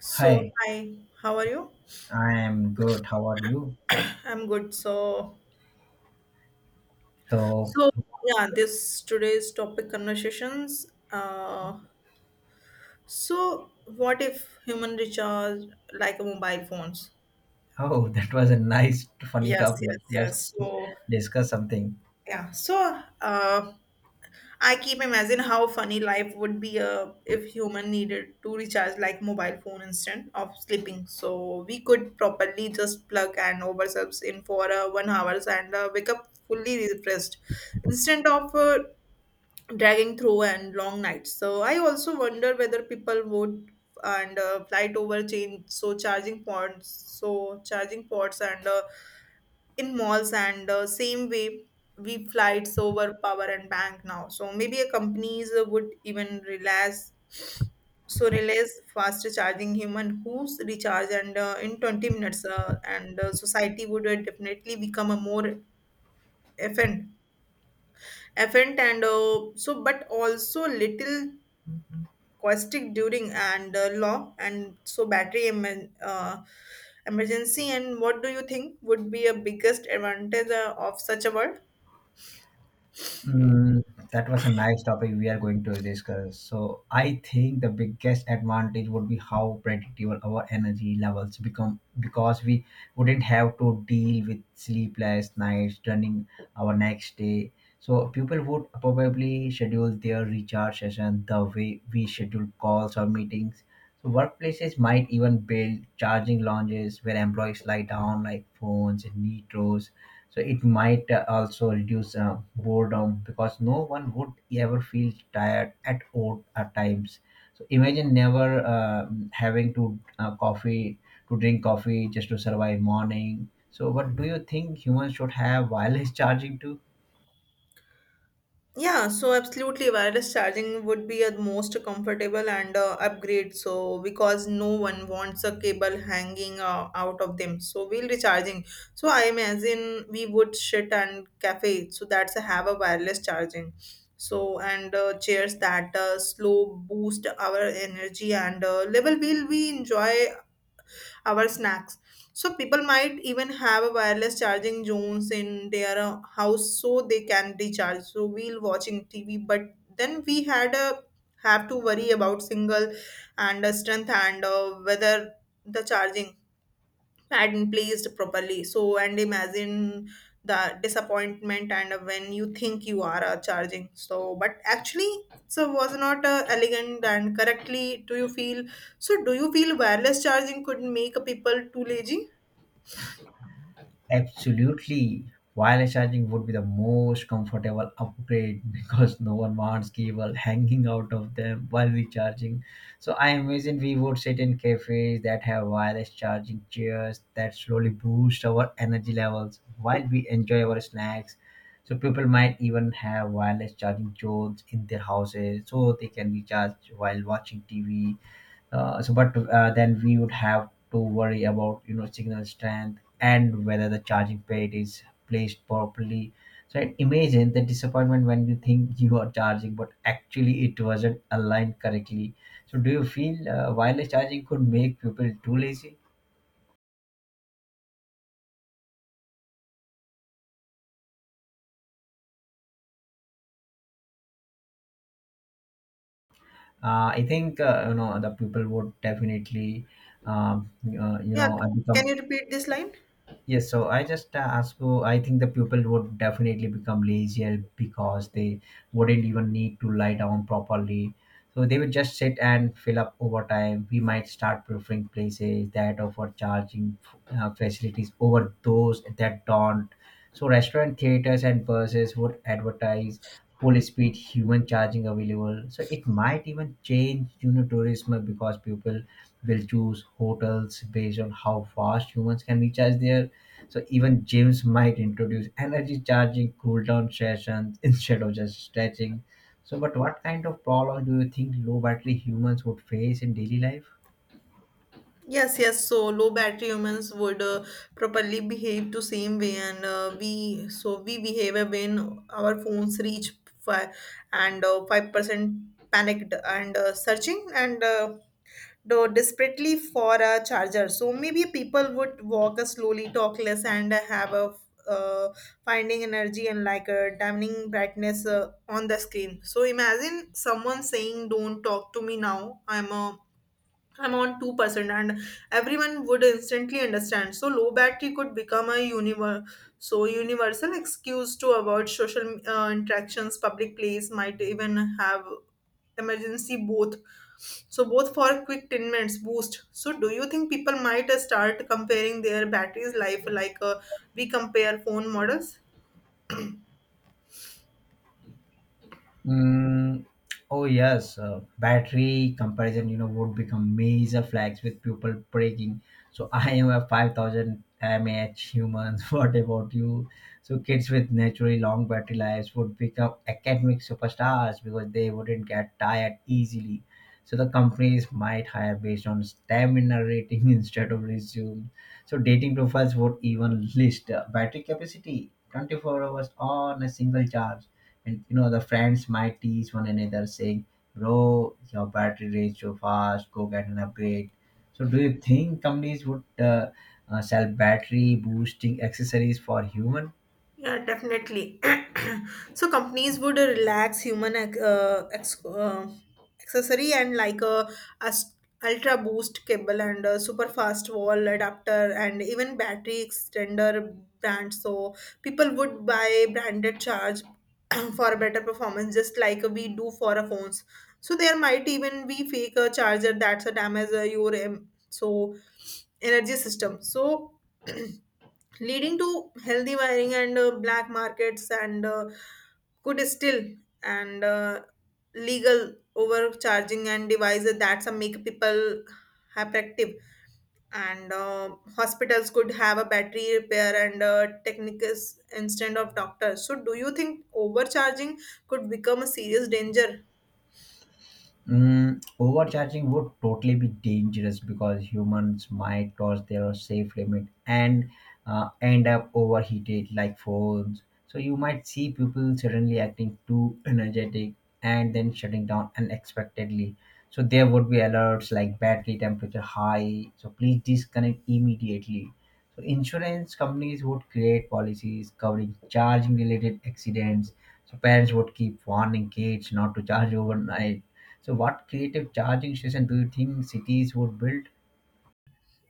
So, Hi, hi, how are you? I am good. How are you? I'm good. So, So, so yeah, this today's topic conversations. Uh, so what if human recharge like mobile phones? oh, that was a nice, funny Yes, topic. yes, yes. Let's So discuss something. yeah, so I keep imagine how funny life would be if human needed to recharge like mobile phone instead of sleeping. So we could properly just plug and ourselves in for 1 hour and wake up fully refreshed instead of dragging through and long nights. So I also wonder whether people would and flight over change so charging points so charging ports and in malls and same way we flights over power and bank now so maybe a companies would even realize realize faster charging human who's recharge and in 20 minutes and society would definitely become a more efficient efficient and but also little caustic during and law and so battery emergency. And what do you think would be a biggest advantage of such a world? Mm, that was a nice topic we are going to discuss. So, I think the biggest advantage would be how predictable our energy levels become because we wouldn't have to deal with sleepless nights during our next day. So, people would probably schedule their recharge session the way we schedule calls or meetings. So, workplaces might even build charging lounges where employees lie down like phones and knee, so it might also reduce boredom because no one would ever feel tired at all at times. So imagine never having to coffee, to drink coffee just to survive morning. So what do you think, humans should have wireless charging too? Yeah, so absolutely, wireless charging would be a most comfortable and upgrade. So because no one wants a cable hanging out of them, so we'll recharging. So I imagine we would sit and cafe. So that's a have a wireless charging. So and chairs that slow boost our energy and level will we enjoy our snacks. So people might even have a wireless charging zones in their house so they can recharge. So we'll watching TV, but then we had a have to worry about single and strength and whether the charging hadn't placed properly so and imagine the disappointment and when you think you are charging so but actually so was not elegant and correctly. Do you feel wireless charging could make people too lazy? Absolutely. Wireless charging would be the most comfortable upgrade because no one wants cable hanging out of them while recharging. So I imagine we would sit in cafes that have wireless charging chairs that slowly boost our energy levels while we enjoy our snacks. So people might even have wireless charging zones in their houses so they can recharge while watching TV. But then we would have to worry about, you know, signal strength and whether the charging pad is placed properly. So, and imagine the disappointment when you think you are charging, but actually it wasn't aligned correctly. So, do you feel wireless charging could make people too lazy? I think you know, the people would definitely you Yeah, know can become. you repeat this line? Yes, so I just ask you. I think the people would definitely become lazier because they wouldn't even need to lie down properly. So they would just sit and fill up over time. We might start preferring places that offer charging facilities over those that don't. So restaurant theaters and buses would advertise full speed human charging available. So it might even change, you know, tourism because people will choose hotels based on how fast humans can recharge there. So even gyms might introduce energy charging cooldown sessions instead of just stretching. So, but what kind of problems do you think low battery humans would face in daily life? Yes. So low battery humans would properly behave to same way, and we behave when our phones reach five and 5%, panicked and searching and do desperately for a charger. So maybe people would walk slowly, talk less, and have a uh, finding energy and like a damning brightness on the screen. So imagine someone saying, "Don't talk to me now. I'm on 2%," and everyone would instantly understand. So low battery could become a universal excuse to avoid social interactions. Public place might even have emergency both. So both for quick 10 minutes boost. So do you think people might start comparing their batteries life like we compare phone models? Mm, oh yes, battery comparison, you know, would become major flags with people breaking. So I am a 5,000 mAh human. What about you? So kids with naturally long battery lives would become academic superstars because they wouldn't get tired easily. So the companies might hire based on stamina rating instead of resume. So dating profiles would even list battery capacity 24 hours on a single charge. And you know, the friends might tease one another saying, bro, your battery drains so fast, go get an upgrade. So do you think companies would sell battery boosting accessories for human? Yeah, definitely. So companies would relax human accessory and like a, as- ultra boost cable and a super fast wall adapter and even battery extender brand. So people would buy branded charge for better performance, just like we do for our phones. So there might even be fake a charger that's a damage your energy system. So leading to healthy wiring and black markets and could still and legal overcharging and devices that some make people hyperactive and hospitals could have a battery repair and technicus instead of doctors. So do you think overcharging could become a serious danger? Overcharging would totally be dangerous because humans might cross their safe limit and end up overheated like phones. So you might see people suddenly acting too energetic and then shutting down unexpectedly. So there would be alerts like, battery temperature high. So please disconnect immediately. So insurance companies would create policies covering charging related accidents. So parents would keep warning kids not to charge overnight. So, what creative charging station do you think cities would build?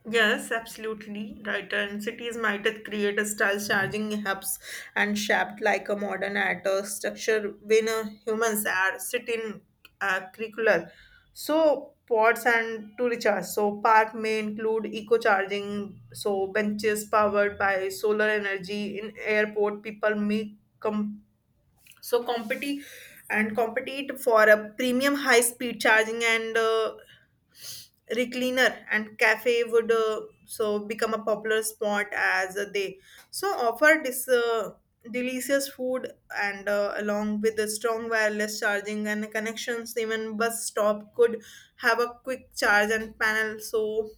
Yes, absolutely right. And cities might create a style charging hubs and shaped like a modern art or structure when humans are sitting curricular. So pods and to recharge. So park may include eco charging. So benches powered by solar energy in airport. People may come so compete for a premium high speed charging and recliner and cafe would become a popular spot as they offer this delicious food and along with the strong wireless charging and connections. Even bus stop could have a quick charge and panel so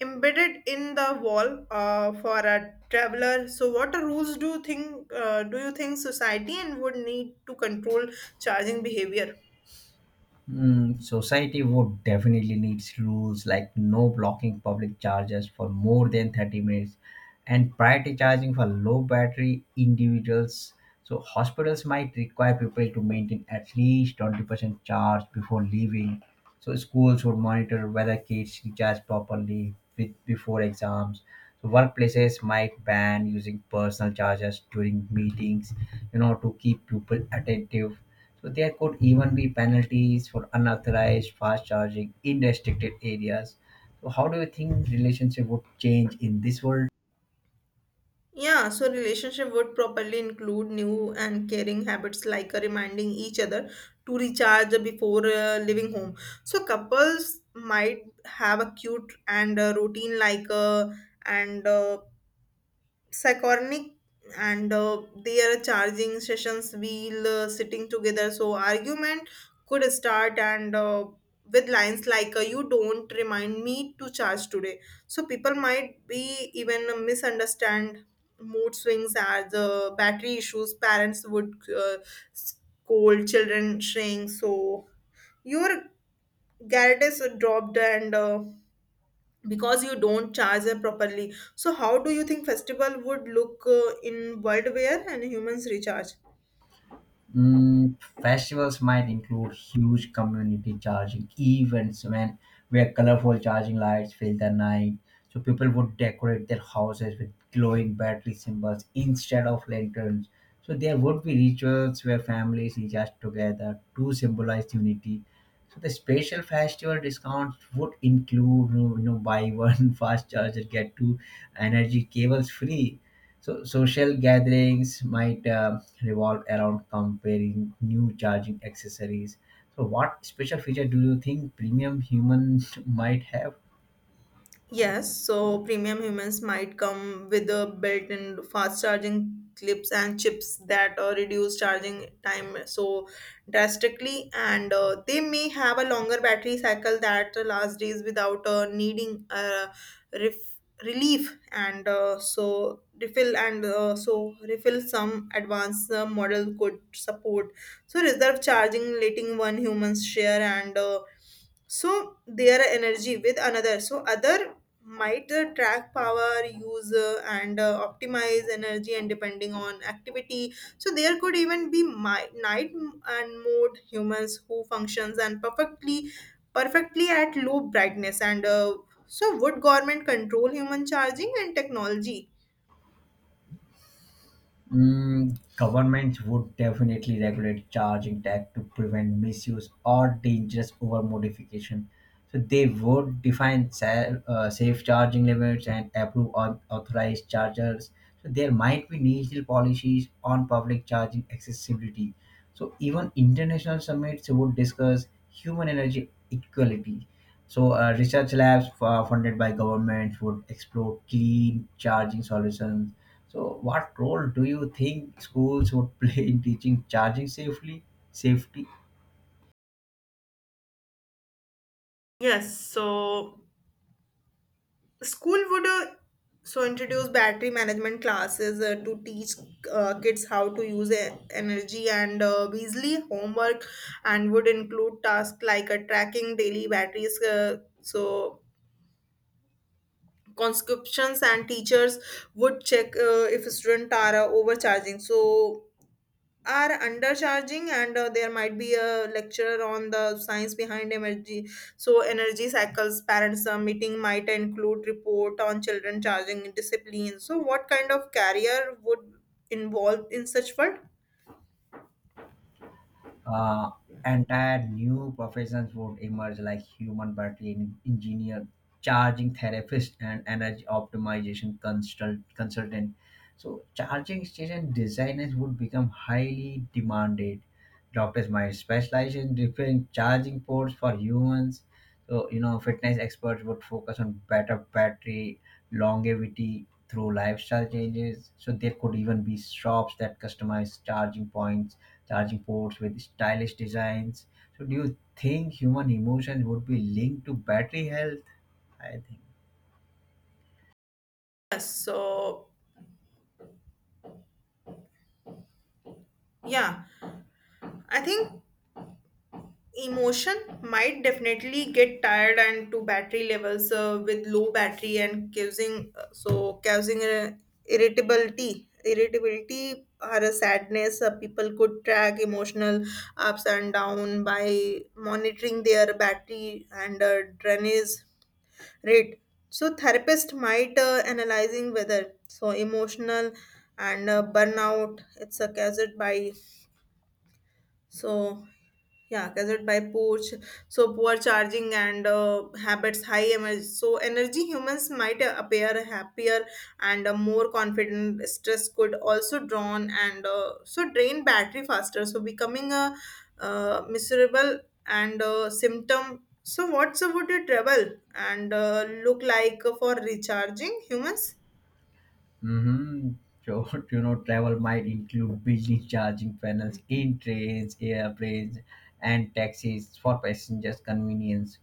embedded in the wall for a traveler. So what rules do you think society and would need to control charging behavior? Society would definitely need rules like no blocking public charges for more than 30 minutes and priority charging for low battery individuals. So hospitals might require people to maintain at least 20% charge before leaving. So schools would monitor whether kids recharge properly with, before exams. So workplaces might ban using personal chargers during meetings, you know, to keep people attentive. So there could even be penalties for unauthorized fast charging in restricted areas. So how do you think relationship would change in this world? Yeah, so relationship would properly include new and caring habits like reminding each other to recharge before leaving home. So couples might have a cute and routine like and psychotic and their charging sessions while sitting together. So argument could start and with lines like you don't remind me to charge today. So people might be even misunderstand mood swings are the battery issues. Parents would scold children saying so your guard is dropped and because you don't charge them properly. So how do you think festival would look in world where and humans recharge? Mm, Festivals might include huge community charging events when, where colorful charging lights fill the night. So people would decorate their houses with glowing battery symbols instead of lanterns. So there would be rituals where families adjust together to symbolize unity. So the special festival discounts would include, you know, buy one fast charger get two energy cables free. So social gatherings might revolve around comparing new charging accessories. So what special feature do you think premium human might have? Yes, so premium humans might come with a built-in fast charging clips and chips that reduce charging time so drastically, and they may have a longer battery cycle that lasts days without needing ref- relief and so refill and so refill. Some advanced model could support reserve charging, letting one humans share and so their energy with another. So other might track power use and optimize energy and depending on activity. So there could even be mi- night m- and mode humans who functions and perfectly at low brightness and so Would government control human charging and technology? Governments would definitely regulate charging tech to prevent misuse or dangerous overmodification. So they would define safe charging limits and approve authorized chargers. So there might be national policies on public charging accessibility. So even international summits would discuss human energy equality. So, research labs funded by governments would explore clean charging solutions. So, what role do you think schools would play in teaching charging safely? Safety. Yes, so school would introduce battery management classes to teach kids how to use energy and Weasley homework and would include tasks like tracking daily batteries. So conscriptions and teachers would check if students are overcharging. So are undercharging and there might be a lecture on the science behind energy energy cycles. Parents meeting might include report on children charging discipline. So what kind of career would involve in such world? Uh, Entire new professions would emerge, like human battery engineer, charging therapist, and energy optimization consultant. So, charging station designers would become highly demanded. Doctors might specialize in different charging ports for humans. So, you know, fitness experts would focus on better battery longevity through lifestyle changes. So there could even be shops that customize charging points, charging ports with stylish designs. So do you think human emotion would be linked to battery health? I think. Yes so yeah i think emotion might definitely get tired and to battery levels with low battery and causing irritability or a sadness. People could track emotional ups and down by monitoring their battery and drainage rate. So therapist might analyzing whether emotional and burnout it's a caused by so yeah, gathered by poor, poor charging and habits. High energy, energy humans might appear happier and more confident. Stress could also drawn and drain battery faster. So becoming a miserable and symptom. So what's would it travel and look like for recharging humans? Mm-hmm. So, you know, travel might include building charging panels in trains, airplanes, and taxis for passengers' convenience.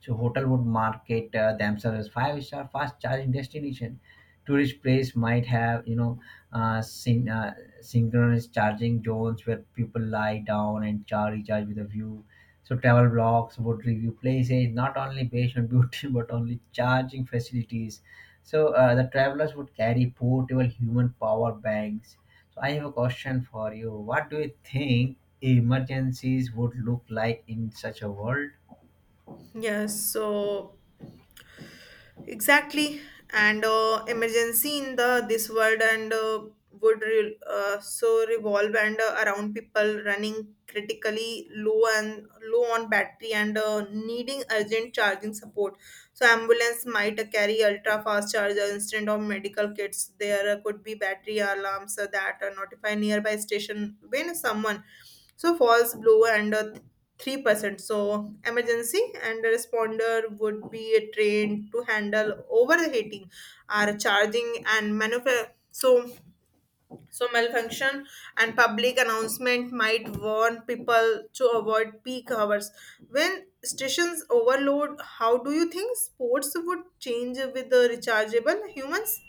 So hotel would market themselves as five-star fast charging destination. Tourist place might have, you know, uh, syn- uh, synchronous charging zones where people lie down and charge recharge with a view. So travel blogs would review places not only based on beauty but only charging facilities. So the travelers would carry portable human power banks. So I have a question for you. What do you think emergencies would look like in such a world? Yes, so exactly, and emergency in the this world and would revolve and around people running critically low and low on battery and needing urgent charging support. So ambulance might carry ultra fast charger instead of medical kits. There could be battery alarms that notify nearby station when someone so falls blow and 3%. So, emergency and a responder would be trained to handle overheating or charging and maneuver. So malfunction and public announcement might warn people to avoid peak hours when stations overload. How do you think sports would change with the rechargeable humans?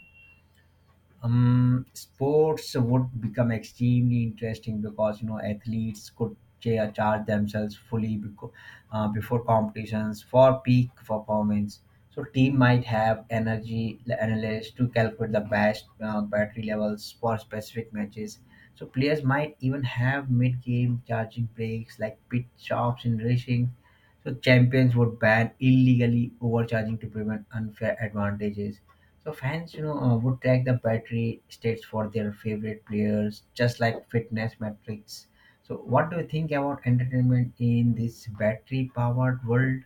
Sports would become extremely interesting because, you know, athletes could charge themselves fully before competitions for peak performance. So team might have energy analysts to calculate the best battery levels for specific matches. So players might even have mid-game charging breaks like pit stops in racing. So champions would ban illegally overcharging to prevent unfair advantages. So fans, you know, would track the battery states for their favorite players, just like fitness metrics. So, what do you think about entertainment in this battery-powered world?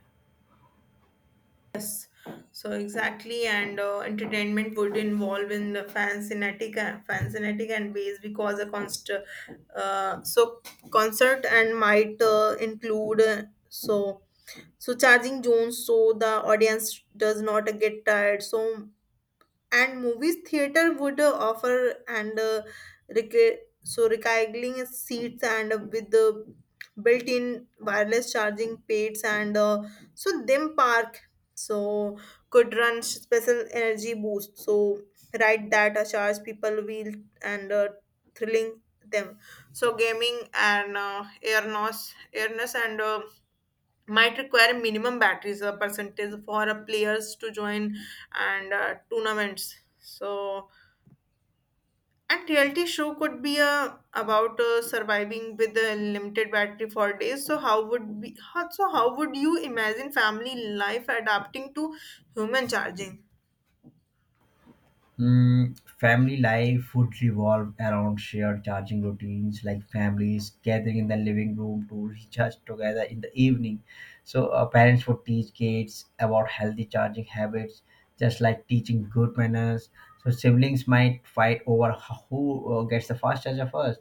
So exactly, and entertainment would involve in the fancynetic and base because a concert, so concert and might include so charging zones so the audience does not get tired. So and movies theater would offer and rec- so recycling seats and with the built-in wireless charging pads and them park so could run special energy boost so ride that charge people wheel and thrilling them. So gaming and airness and might require minimum batteries or percentage for players to join and tournaments. So and reality show could be about surviving with a limited battery for days. So how would be how would you imagine family life adapting to human charging? Family life would revolve around shared charging routines, like families gathering in the living room to recharge together in the evening. So, parents would teach kids about healthy charging habits, just like teaching good manners. So, siblings might fight over who gets the fast charger first.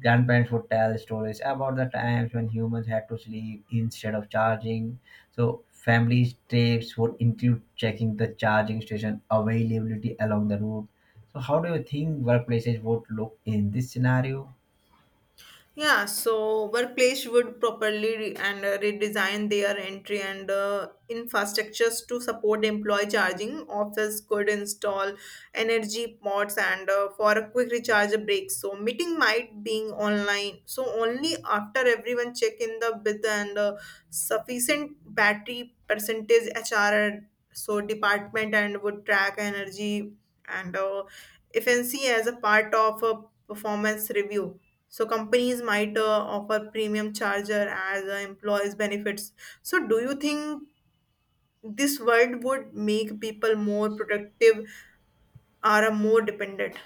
Grandparents would tell stories about the times when humans had to sleep instead of charging. So families' trips would include checking the charging station availability along the route. So how do you think workplaces would look in this scenario? Yeah, so workplace would properly re- and redesign their entry and infrastructures to support employee charging. Office could install energy pods and for a quick recharge break. So meeting might being online. So only after everyone check in the with and sufficient battery percentage, HR department and would track energy and efficiency as a part of a performance review. So companies might offer premium charger as employees benefits. So do you think this world would make people more productive or more dependent?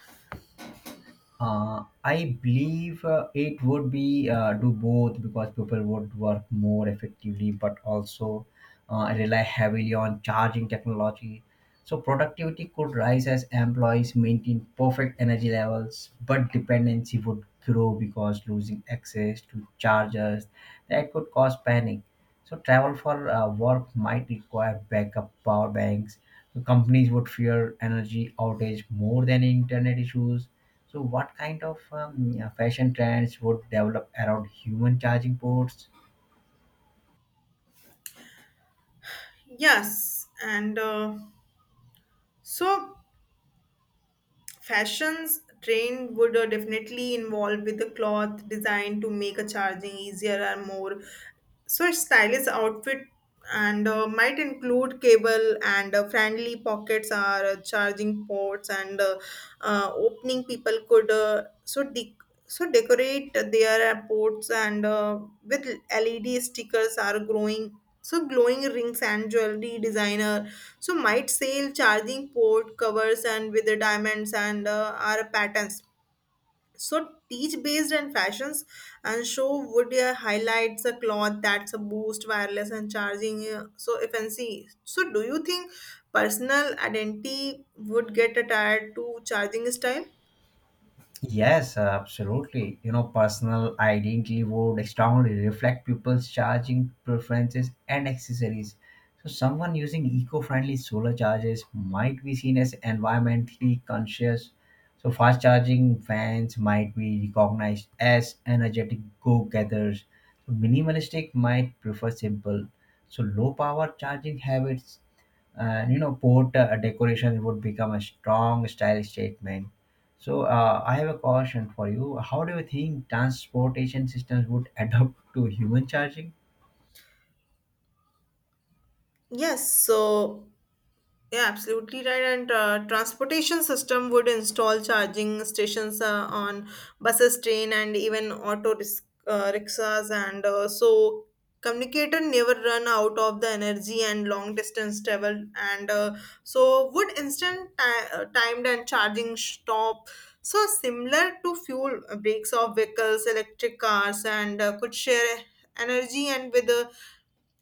I believe it would be do both because people would work more effectively, but also rely heavily on charging technology. So productivity could rise as employees maintain perfect energy levels, but dependency would grow because losing access to chargers that could cause panic. So travel for work might require backup power banks. The companies would fear energy outage more than internet issues. So what kind of yeah, fashion trends would develop around human charging ports? Yes, and so Fashions trend would definitely involve with the cloth designed to make a charging easier and more. A stylish outfit and might include cable and friendly pockets are charging ports and opening people could decorate their ports and with LED stickers are growing, so glowing rings and jewelry designer so might sell charging port covers and with the diamonds and are patterns, so teach based and fashions and show would highlights a cloth that's a boost wireless and charging so if and see. So do you think personal identity would get attached to charging style? Yes, absolutely. You know, personal identity would strongly reflect people's charging preferences and accessories. So, someone using eco-friendly solar chargers might be seen as environmentally conscious. So, fast charging fans might be recognized as energetic go-getters. So, minimalistic might prefer simple. So, low-power charging habits and, you know, port decoration would become a strong style statement. So I have a question for you. How do you think transportation systems would adapt to human charging? Yes. Yeah, absolutely right. And transportation system would install charging stations on buses, train, and even rickshaws. And so, communicator never run out of the energy and long distance travel. And so, would timed and charging stop? So similar to fuel breaks of vehicles, electric cars, and could share energy and with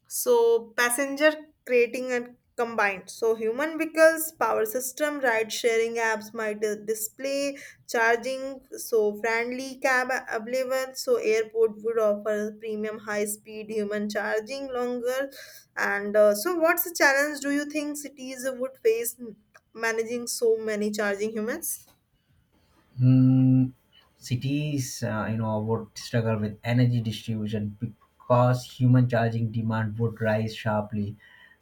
so passenger creating and combined. So human vehicles, power system, ride sharing apps might display charging. So friendly cab available. So airport would offer premium high speed human charging longer. And so what's the challenge do you think cities would face managing so many charging humans? Hmm, Cities, you know, would struggle with energy distribution because human charging demand would rise sharply.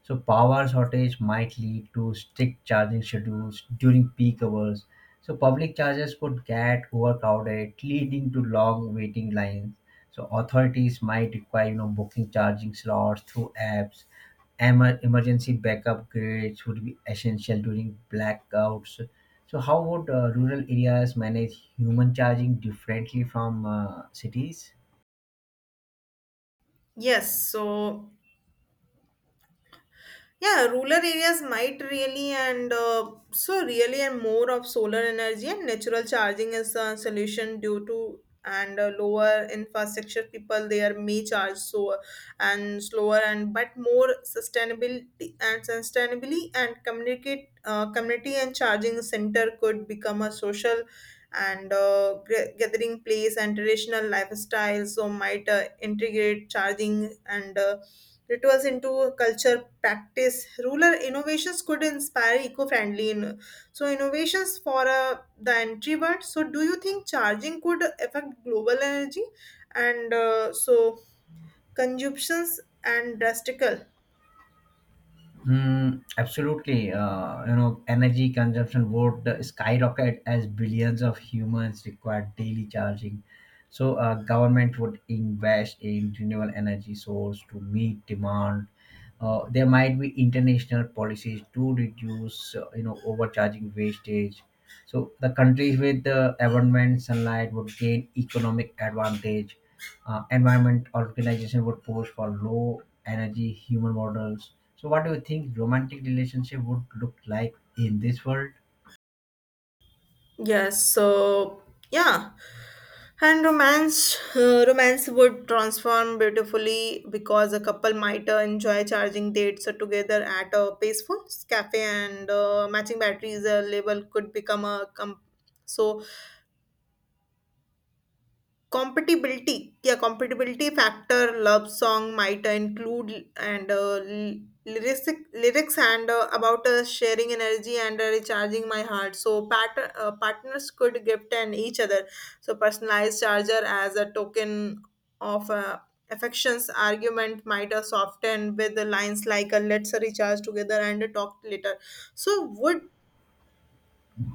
So power shortage might lead to strict charging schedules during peak hours. So public chargers could get overcrowded, leading to long waiting lines. So authorities might require, you know, booking charging slots through apps. Emergency backup grids would be essential during blackouts. So, how would rural areas manage human charging differently from cities? Yes. Rural areas might really and so really and more of solar energy and natural charging is a solution due to and lower infrastructure. People there may charge so and slower and but more sustainability and sustainably and communicate community and charging center could become a social and gathering place, and traditional lifestyle so might integrate charging and rituals into culture practice. Rural innovations could inspire eco-friendly in, so innovations for the entry word. So do you think charging could affect global energy and so consumptions and drastical? Absolutely. You know, energy consumption would skyrocket as billions of humans require daily charging. So, government would invest in renewable energy source to meet demand. There might be international policies to reduce, you know, overcharging wastage. So, the countries with the abundant sunlight would gain economic advantage. Environment organization would push for low energy human models. So, what do you think romantic relationship would look like in this world? Yes so yeah and romance would transform beautifully, because a couple might enjoy charging dates together at a peaceful cafe, and matching batteries a label could become a so compatibility. Yeah Compatibility factor love song might include and l- lyrics lyrics and about sharing energy and recharging my heart. So partners could gift and each other so personalized charger as a token of affections. Argument might soften with the lines like let's recharge together and talk later. So would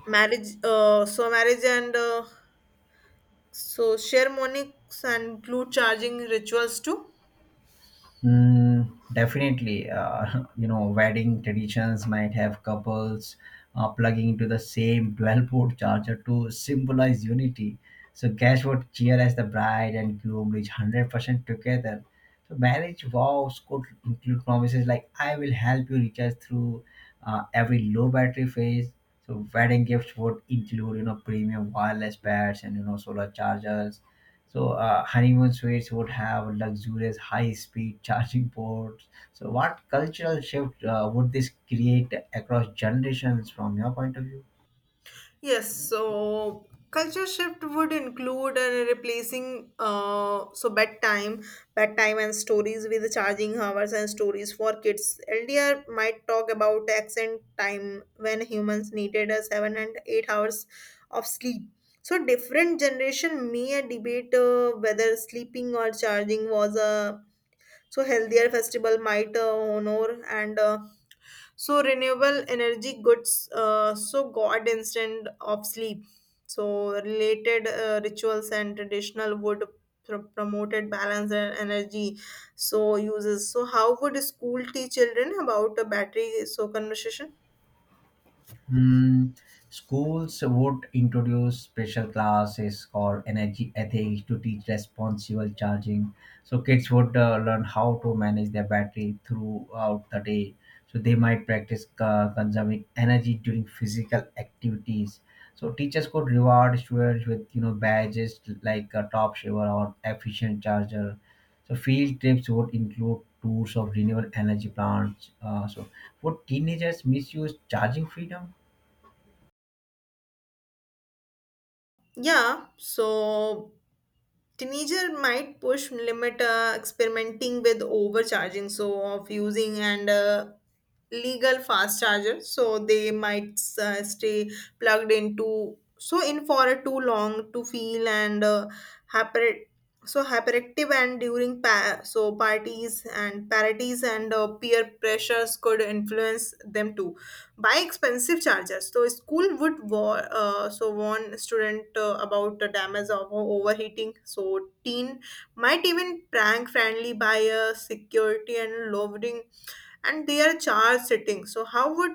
marriage and shamanics and glue charging rituals too. Definitely, you know, wedding traditions might have couples plugging into the same 12-port charger to symbolize unity. So, guests would cheer as the bride and groom reach 100% together. So, marriage vows could include promises like, I will help you recharge through every low battery phase. So, wedding gifts would include, you know, premium wireless pads and, you know, solar chargers. So honeymoon suites would have luxurious high-speed charging ports. So what cultural shift would this create across generations from your point of view? Yes, so culture shift would include replacing bedtime and stories with charging hours and stories for kids. LDR might talk about accent time when humans needed a 7 and 8 hours of sleep. So different generation may debate whether sleeping or charging was a so healthier. Festival might honor and so renewable energy goods so god instant of sleep, so related rituals and traditional would promoted balance and energy so uses. So how would a school teach children about a battery so conversation? Hmm, Schools would introduce special classes or energy ethics to teach responsible charging. So kids would learn how to manage their battery throughout the day. So they might practice consuming energy during physical activities. So teachers could reward students with, you know, badges like a top shaver or efficient charger. So field trips would include tours of renewable energy plants. So would teenagers misuse charging freedom? Yeah. Teenager might push limit, experimenting with overcharging, so of using and legal fast charger. So they might stay plugged into so in for too long to feel and hyper, hyperactive. And during parties and parties and peer pressures could influence them too buy expensive chargers. So school would warn student about the damage of overheating. So teen might even prank friendly by a security and lowering and their charge settings. So how would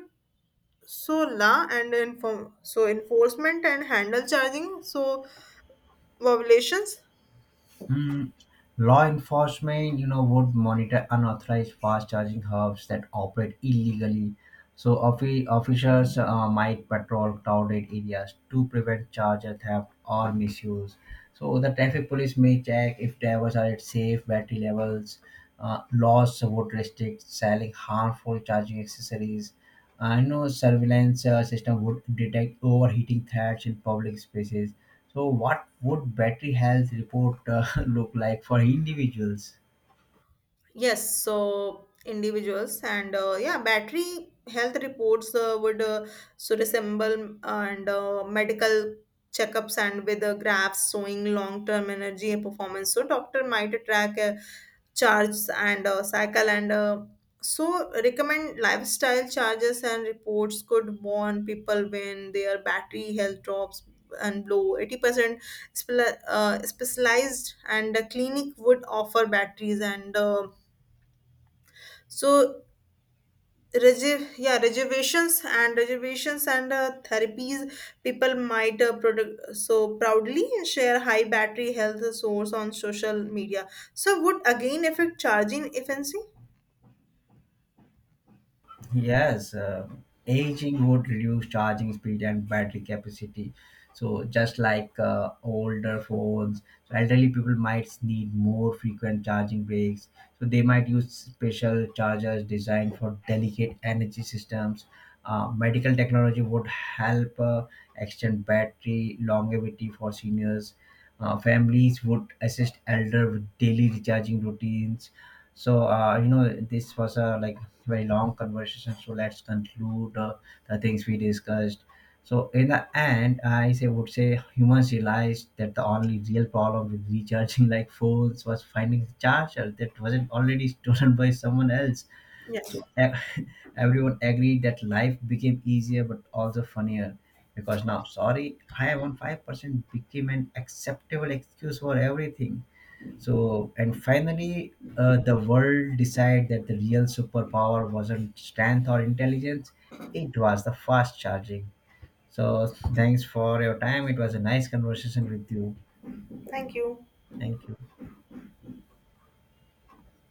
so law and inform so enforcement and handle charging so violations? Mm, Law enforcement, you know, would monitor unauthorized fast charging hubs that operate illegally. So officers might patrol crowded areas to prevent charger theft or misuse. So the traffic police may check if drivers are at safe battery levels. Laws would restrict selling harmful charging accessories. I know surveillance system would detect overheating threats in public spaces. So, what would battery health report look like for individuals? Yes, battery health reports would resemble and medical checkups and with graphs showing long-term energy and performance. So doctor might track charges and cycle and so recommend lifestyle charges, and reports could warn people when their battery health drops and below 80%. Specialized and the clinic would offer batteries and so reservations and therapies. People might proudly share high battery health source on social media. So would again affect charging efficiency? Yes, aging would reduce charging speed and battery capacity. So just like older phones, so elderly people might need more frequent charging breaks. So they might use special chargers designed for delicate energy systems. Medical technology would help extend battery longevity for seniors. Families would assist elder with daily recharging routines. So, you know, this was a like very long conversation. So let's conclude the things we discussed. So in the end, I say would say humans realized that the only real problem with recharging like phones was finding a charger that wasn't already stolen by someone else. Yes. So everyone agreed that life became easier but also funnier because now, sorry, I am on 5% became an acceptable excuse for everything. So, and finally, the world decided that the real superpower wasn't strength or intelligence, it was the fast charging. So, thanks for your time. It was a nice conversation with you. Thank you. Thank you.